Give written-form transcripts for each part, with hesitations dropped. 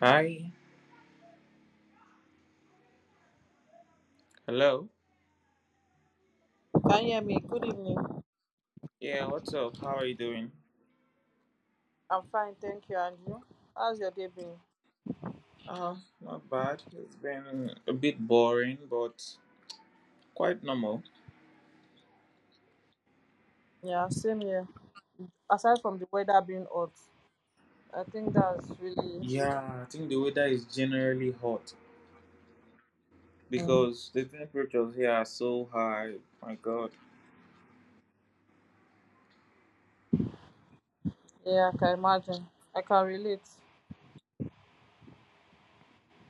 Hi. Hello. Can you hear me? Good evening. Yeah, what's up? How are you doing? I'm fine, thank you. And you? How's your day been? Ah, not bad. It's been a bit boring, but quite normal. Yeah, same here. Aside from the weather being hot, I think that's really. Yeah, I think the weather is generally hot Mm, because the temperatures here are so high. My God. yeah, I can imagine. I can relate.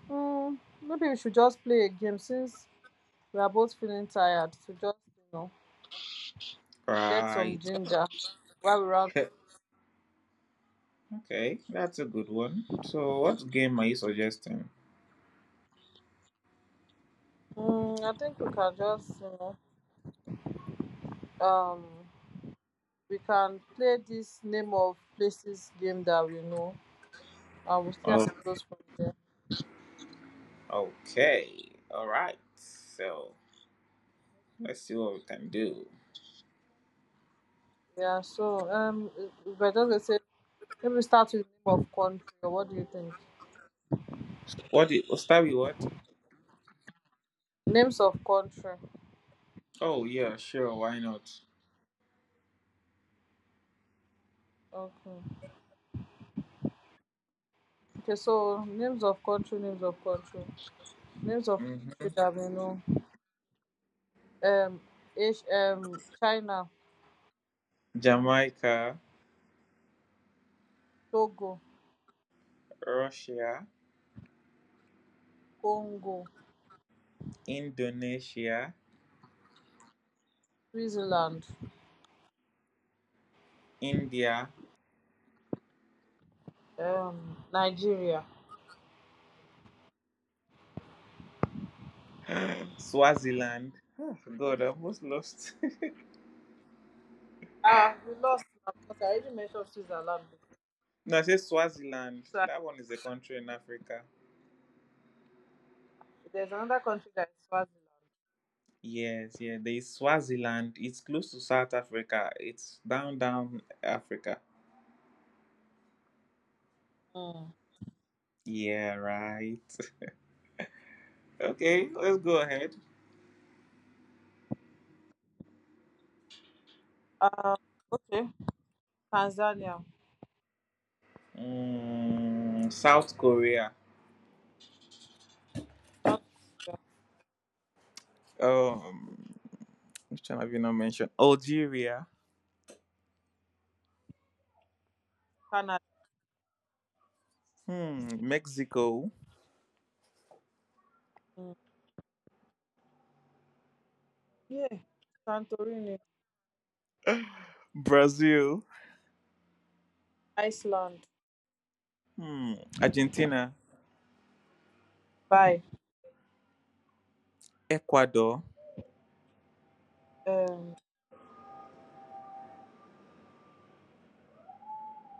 Maybe we should just play a game since we are both feeling tired. To just get some Right. ginger while we're out. Okay, that's a good one. So, what game are you suggesting? I think we can just um we can play this name of places game that we know, and we'll see how Oh, it goes from there. okay. All right. So, let's see what we can do. Yeah, so if I just say, let me start with name of country. Or what do you think? What? Start with what? Names of country. Oh, yeah, sure. Why not? Okay. Okay. So names of country. Names of country. Names of country hmm that we know. Um, H China, Jamaica, Togo, Russia, Congo, Indonesia, Switzerland, India, Nigeria. Swaziland. Oh, God, I almost lost. Ah, we lost now because I already mentioned Switzerland. No, I said Swaziland. So That one is a country in Africa. there's another country that is Swaziland. Yes, yeah, there is Swaziland. It's close to South Africa. It's down, down Africa. Mm. Yeah, right. Okay, let's go ahead. Um, okay. Tanzania, South Korea. North Korea, Um, which one have you not mentioned? Algeria. Canada. Hmm, Mexico. Yeah, Santorini, Brazil. Iceland, Hmm. Argentina, Dubai, Ecuador, um,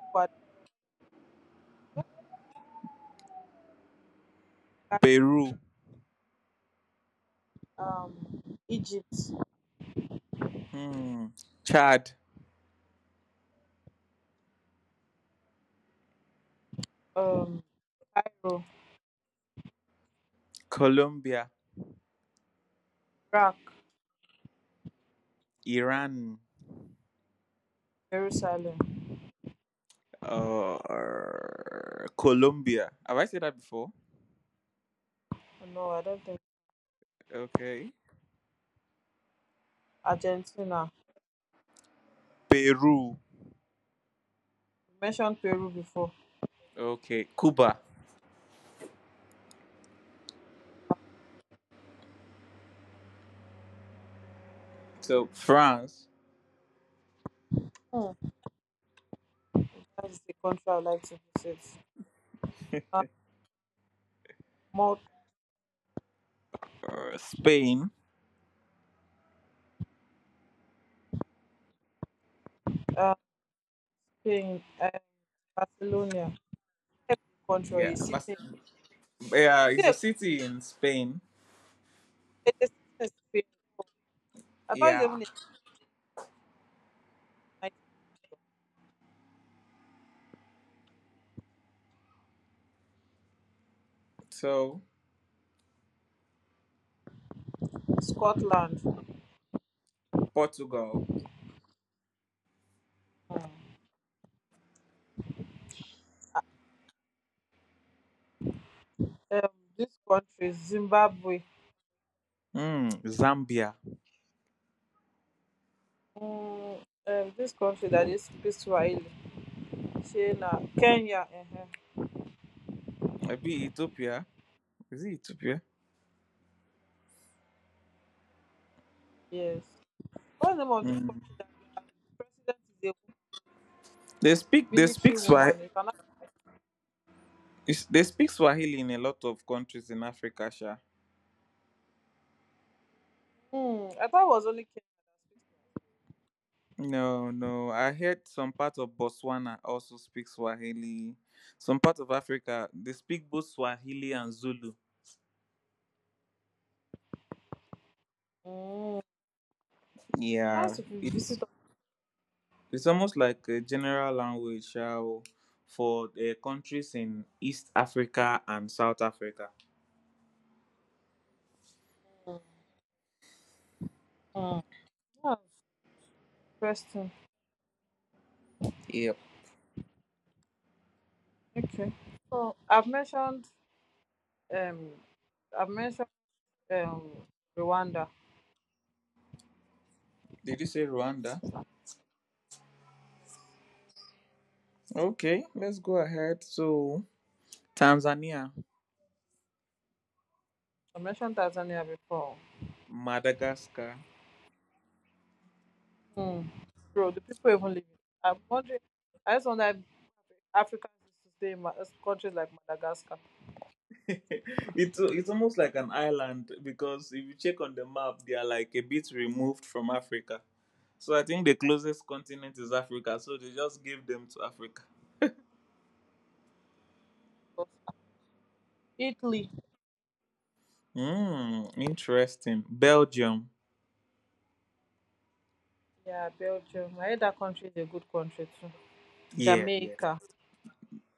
Ecuador, Ghana, Peru, Egypt, hmm. Chad, um, Cairo, Colombia, Iraq, Iran, Jerusalem. uh, Colombia. Have I said that before? Oh, no, I don't think Okay. Argentina. Peru. You mentioned Peru before. Okay. Cuba. So France, Hmm. That's the country I like to visit. Uh, Malta, Spain. uh, Spain, Barcelona. Not even a country or a Yeah, city. Yeah, it it's a a, city in Spain. it's a city in Spain? I thought it's Yeah. even a So Scotland, Portugal. um, these countries, Zimbabwe. Hmm. Zambia. Mm, this country that is they speak Swahili, say Kenya. Maybe Ethiopia. Is it Ethiopia? Yes. What's the name of this Hmm. country that their president is a woman, a They military speak Swahili. woman? Is another. They speak Swahili in a lot of countries in Africa, Sha. I thought it was only Kenya that speaks No, no. I heard some part of Botswana also speak Swahili. Some part of Africa they speak both Swahili and Zulu. Swahili. Mm. Nice Yeah, if you it's visit. it's almost like a general language, Sha, o, for the countries in East Africa and South Africa. Mm. Mm. Yeah, interesting. Yep. Okay. So I've mentioned um, I've mentioned um Rwanda. Did you say Rwanda? Yes. Okay, let's go ahead. So Tanzania, I mentioned Tanzania before. Madagascar, Hmm. Bro, the people even living. I'm wondering. I just wonder if Africans used to stay in countries like Madagascar, It's almost like an island because if you check on the map, they are like a bit removed from Africa. So I think the closest continent is Africa. So they just gave them to Africa. Italy, Hmm, interesting. Belgium. yeah, Belgium. I heard that country is a good country too. Yeah, yeah. Jamaica. Yeah,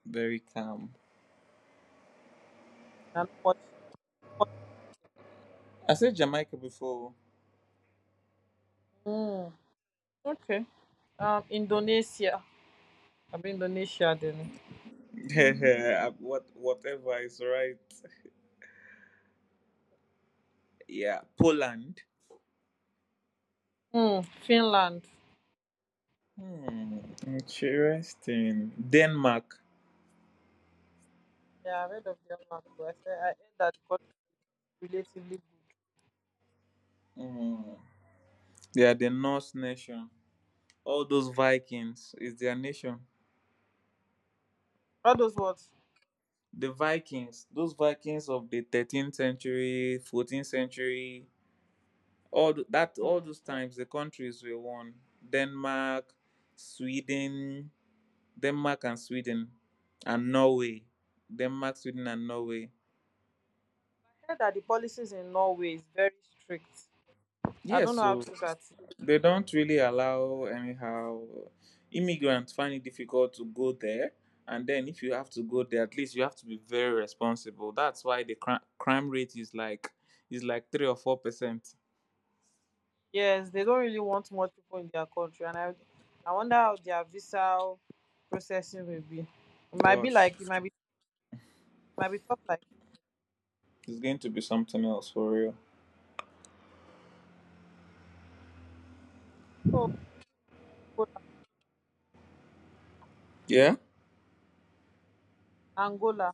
Very calm. not much. Not I said Jamaica before. much. Hmm. Okay. Indonesia. I mean Indonesia then. Whatever is right. Yeah. Poland. Hmm. Finland. Hmm. Interesting. Denmark. Yeah, I've heard of Denmark too. I said I heard that the country is relatively good. Hmm. They are the Norse nation. All those Vikings is their nation. All those words. The Vikings, those Vikings of the 13th century, 14th century, all that all Hmm. those Hmm. I times the countries were one. Denmark, Sweden, Denmark and Sweden and Norway. Denmark, Sweden and Norway. heard that the policies in Norway is very strict. I don't Yes, know how so true that. they don't really allow anyhow. Immigrants find it difficult to go there, and then if you have to go there, at least you have to be very responsible. That's why the crime rate is like 3 or 4%. Yes, they don't really want more people in their country, and I wonder how their visa processing will be. It might be Gosh, like it might be tough like you. it's going to be something else for real. So Angola, Yeah. Angola.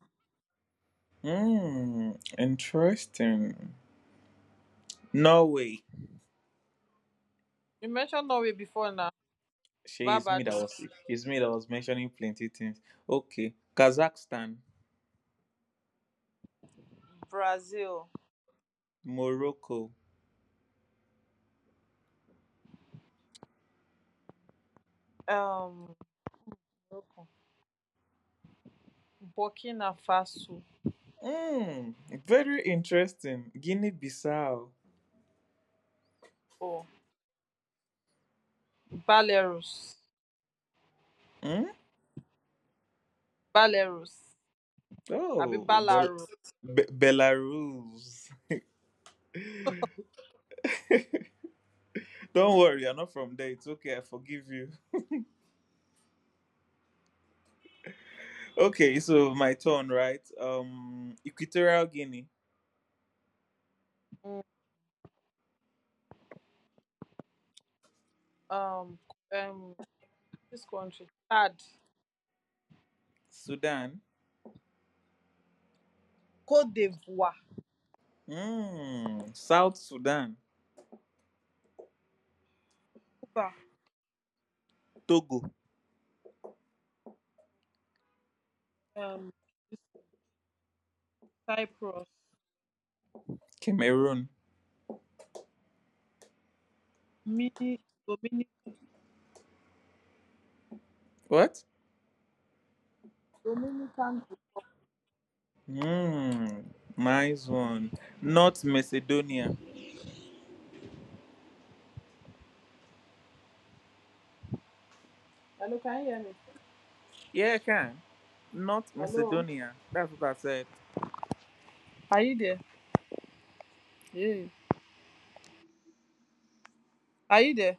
hmm Interesting. Norway. You mentioned Norway before now. she is me that was Barbados, it's me that was mentioning plenty things. Okay. Kazakhstan. Brazil, Morocco. um, Morocco, Burkina Faso, Mm, Very interesting. Guinea Bissau. oh, Belarus, Mm? Belarus, Abi Oh, Belarus, Belarus. Don't worry, you're not from there. It's okay. I forgive you. Okay, so my turn, right? Equatorial Guinea, mm, um, um, this country, Chad, Sudan, Cote d'Ivoire, South Sudan, Cuba, Togo, um, Cyprus. Cameroon. Me, Dominic What? Dominican. Mm, Nice one. North Macedonia. Hello, can you hear me? Yeah, I can. North Hello. Macedonia. That's what I said. Are you there? Yeah. Are you there?